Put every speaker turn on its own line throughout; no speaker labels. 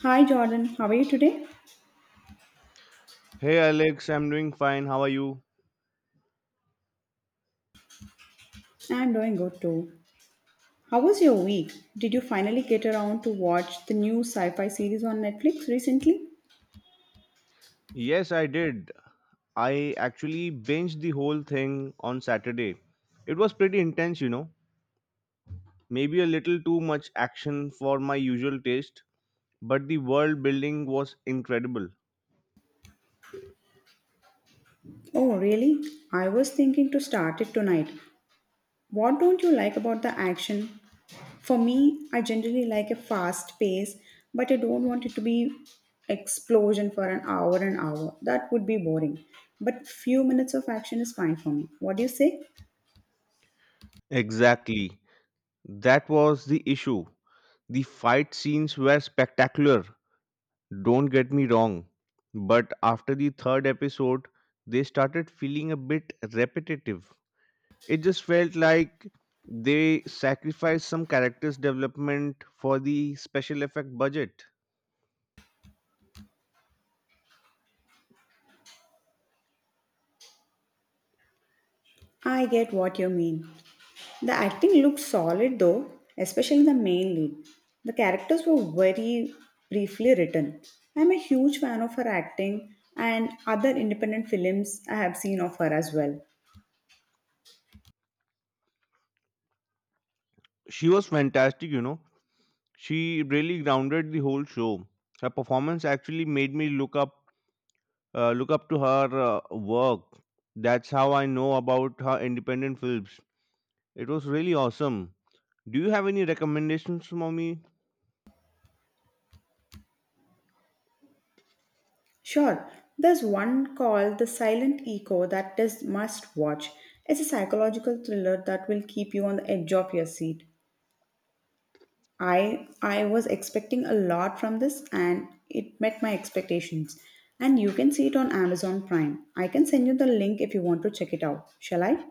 Hi Jordan, how are you today?
Hey Alex, I'm doing fine. How are you?
I'm doing good too. How was your week? Did you finally get around to watch the new sci fi series on Netflix recently?
Yes, I did. I actually binged the whole thing on Saturday. It was pretty intense, you know. Maybe a little too much action for my usual taste, but the world building was incredible.
Oh, really? I was thinking to start it tonight. What don't you like about the action? For me, I generally like a fast pace, but I don't want it to be explosion for an hour and hour. That would be boring. But few minutes of action is fine for me. What do you say?
Exactly. That was the issue. The fight scenes were spectacular, don't get me wrong. But after the third episode, they started feeling a bit repetitive. It just felt like they sacrificed some characters' development for the special effect budget.
I get what you mean. The acting looked solid though, especially the main lead. The characters were very briefly written. I'm a huge fan of her acting and other independent films I have seen of her as well.
She was fantastic, you know. She really grounded the whole show. Her performance actually made me look up to her work. That's how I know about her independent films. It was really awesome. Do you have any recommendations for me?
Sure, there's one called The Silent Echo that is must watch. It's a psychological thriller that will keep you on the edge of your seat. I was expecting a lot from this and it met my expectations. And you can see it on Amazon Prime. I can send you the link if you want to check it out. Shall I?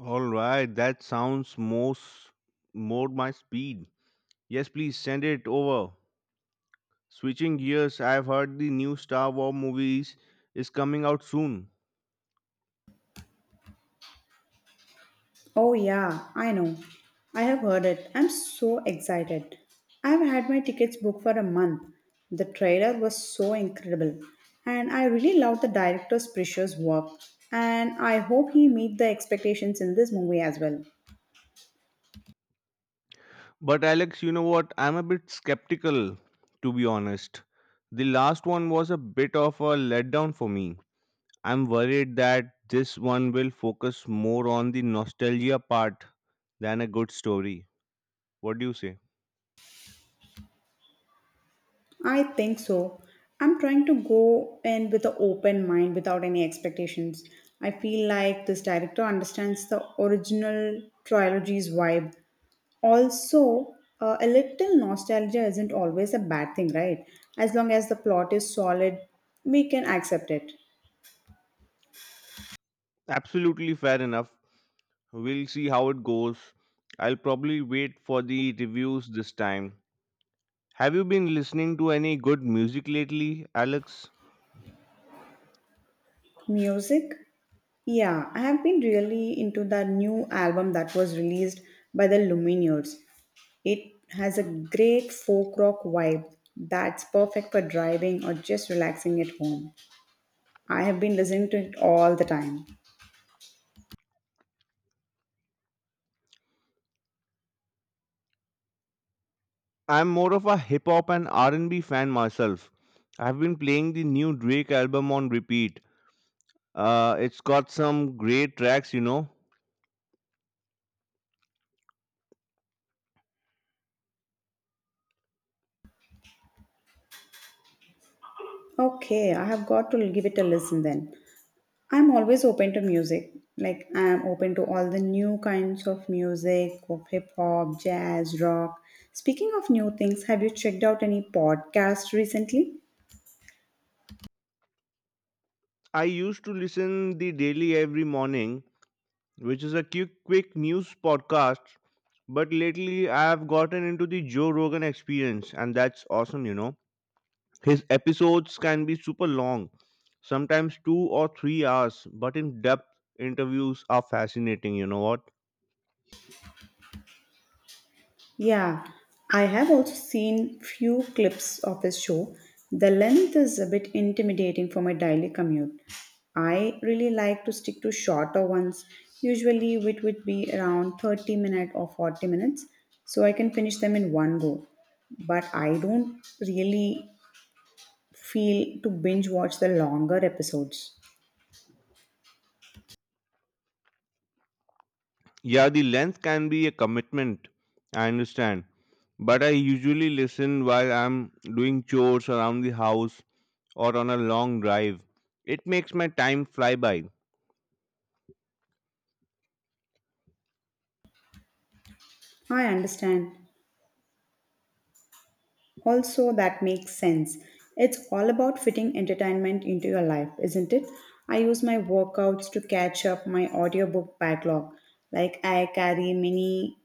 All right, that sounds most more my speed. Yes, please send it over. Switching gears, I've heard the new Star Wars movies is coming out soon.
Oh yeah, I know. I have heard it. I'm so excited. I've had my tickets booked for a month. The trailer was so incredible. And I really love the director's precious work. And I hope he meet the expectations in this movie as well.
But Alex, you know what? I'm a bit skeptical, to be honest. The last one was a bit of a letdown for me. I'm worried that this one will focus more on the nostalgia part than a good story. What do you say?
I think so. I'm trying to go in with an open mind without any expectations. I feel like this director understands the original trilogy's vibe. Also, a little nostalgia isn't always a bad thing, right? As long as the plot is solid, we can accept it.
Absolutely fair enough. We'll see how it goes. I'll probably wait for the reviews this time. Have you been listening to any good music lately, Alex?
Music? Yeah, I have been really into the new album that was released by the Lumineers. It has a great folk rock vibe that's perfect for driving or just relaxing at home. I have been listening to it all the time.
I'm more of a hip hop and R&B fan myself. I've been playing the new Drake album on repeat. It's got some great tracks, you know.
Okay, I have got to give it a listen then. I'm always open to music. Like, I am open to all the new kinds of music, of hip hop, jazz, rock. Speaking of new things, have you checked out any podcast recently?
I used to listen the daily every morning, which is a quick news podcast. But lately, I've gotten into the Joe Rogan experience, and that's awesome, you know. His episodes can be super long, sometimes 2 or 3 hours, but in depth interviews are fascinating, you know what?
Yeah, I have also seen few clips of his show. The length is a bit intimidating for my daily commute. I really like to stick to shorter ones. Usually it would be around 30 minutes or 40 minutes so I can finish them in one go. But I don't really feel to binge watch the longer episodes.
Yeah, the length can be a commitment. I understand. But I usually listen while I'm doing chores around the house or on a long drive. It makes my time fly by.
I understand. Also, that makes sense. It's all about fitting entertainment into your life, isn't it? I use my workouts to catch up my audiobook backlog. Like, I carry many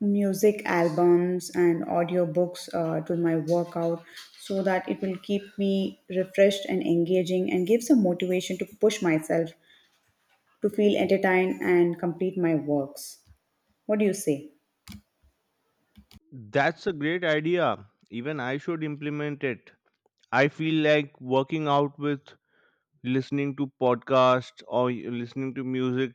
music albums and audiobooks to my workout so that it will keep me refreshed and engaging and give some motivation to push myself to feel entertained and complete my works. What do you say?
That's a great idea. Even I should implement it. I feel like working out with listening to podcasts or listening to music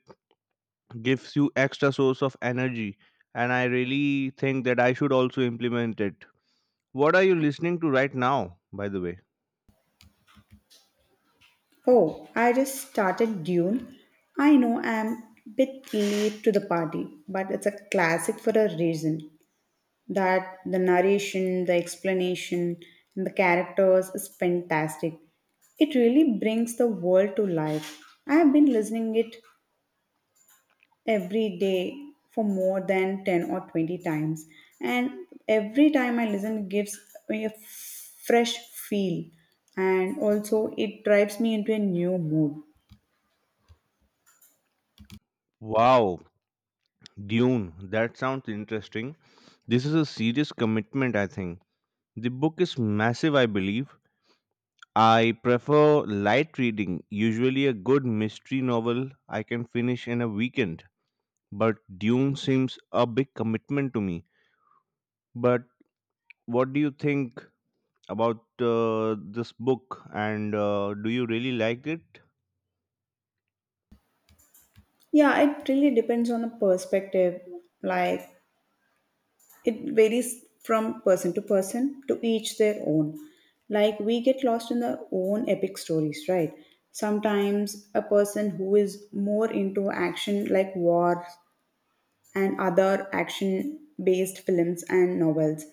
gives you extra source of energy and I really think that I should also implement it. What are you listening to right now by the way?
Oh, I just started Dune. I know I'm a bit late to the party, but it's a classic for a reason. That the narration, the explanation, and the characters is fantastic. It really brings the world to life. I have been listening it every day for more than 10 or 20 times, and every time I listen it gives me a fresh feel, and also it drives me into a new mood.
Wow, Dune, that sounds interesting. This is a serious commitment, I think. The book is massive, I believe. I prefer light reading, usually a good mystery novel I can finish in a weekend. But Dune seems a big commitment to me. But what do you think about this book and do you really like it?
Yeah, it really depends on the perspective. Like, it varies from person to person, to each their own. Like, we get lost in the own epic stories, right? Sometimes a person who is more into action, like war and other action based films and novels.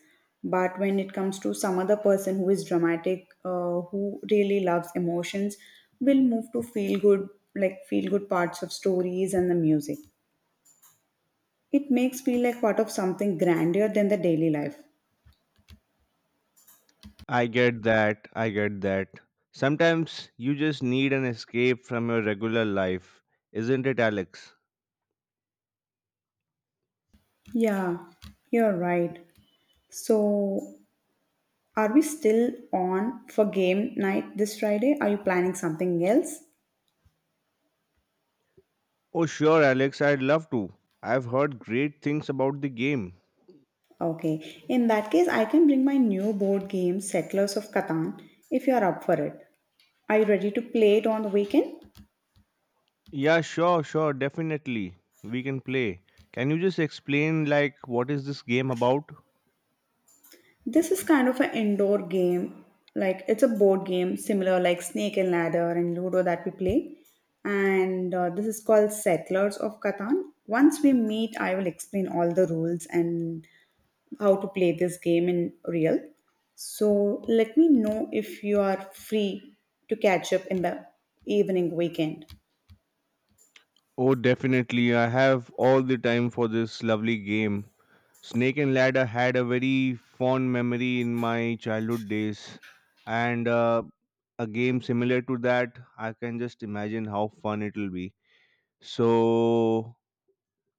But when it comes to some other person who is dramatic, who really loves emotions, will move to feel good, like feel good parts of stories and the music. It makes feel like part of something grander than the daily life.
I get that. Sometimes you just need an escape from your regular life, isn't it, Alex?
Yeah, you're right. So, are we still on for game night this Friday? Are you planning something else?
Oh, sure, Alex, I'd love to. I've heard great things about the game.
Okay. In that case, I can bring my new board game, Settlers of Catan, if you are up for it. Are you ready to play it on the weekend?
Yeah, sure, definitely. We can play. Can you just explain, like, what is this game about?
This is kind of an indoor game. Like, it's a board game similar like Snake and Ladder and Ludo that we play. And this is called Settlers of Catan. Once we meet, I will explain all the rules and how to play this game in real. So let me know if you are free to catch up in the evening weekend.
Oh, definitely. I have all the time for this lovely game. Snake and Ladder had a very fond memory in my childhood days, and a game similar to that, I can just imagine how fun it will be. So,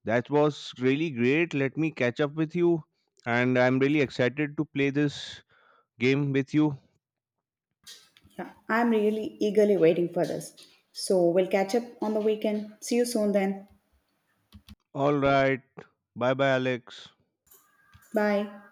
that was really great. Let me catch up with you, and I'm really excited to play this game with you.
Yeah, I'm really eagerly waiting for this. So we'll catch up on the weekend. See you soon then.
All right. Bye bye, Alex.
Bye.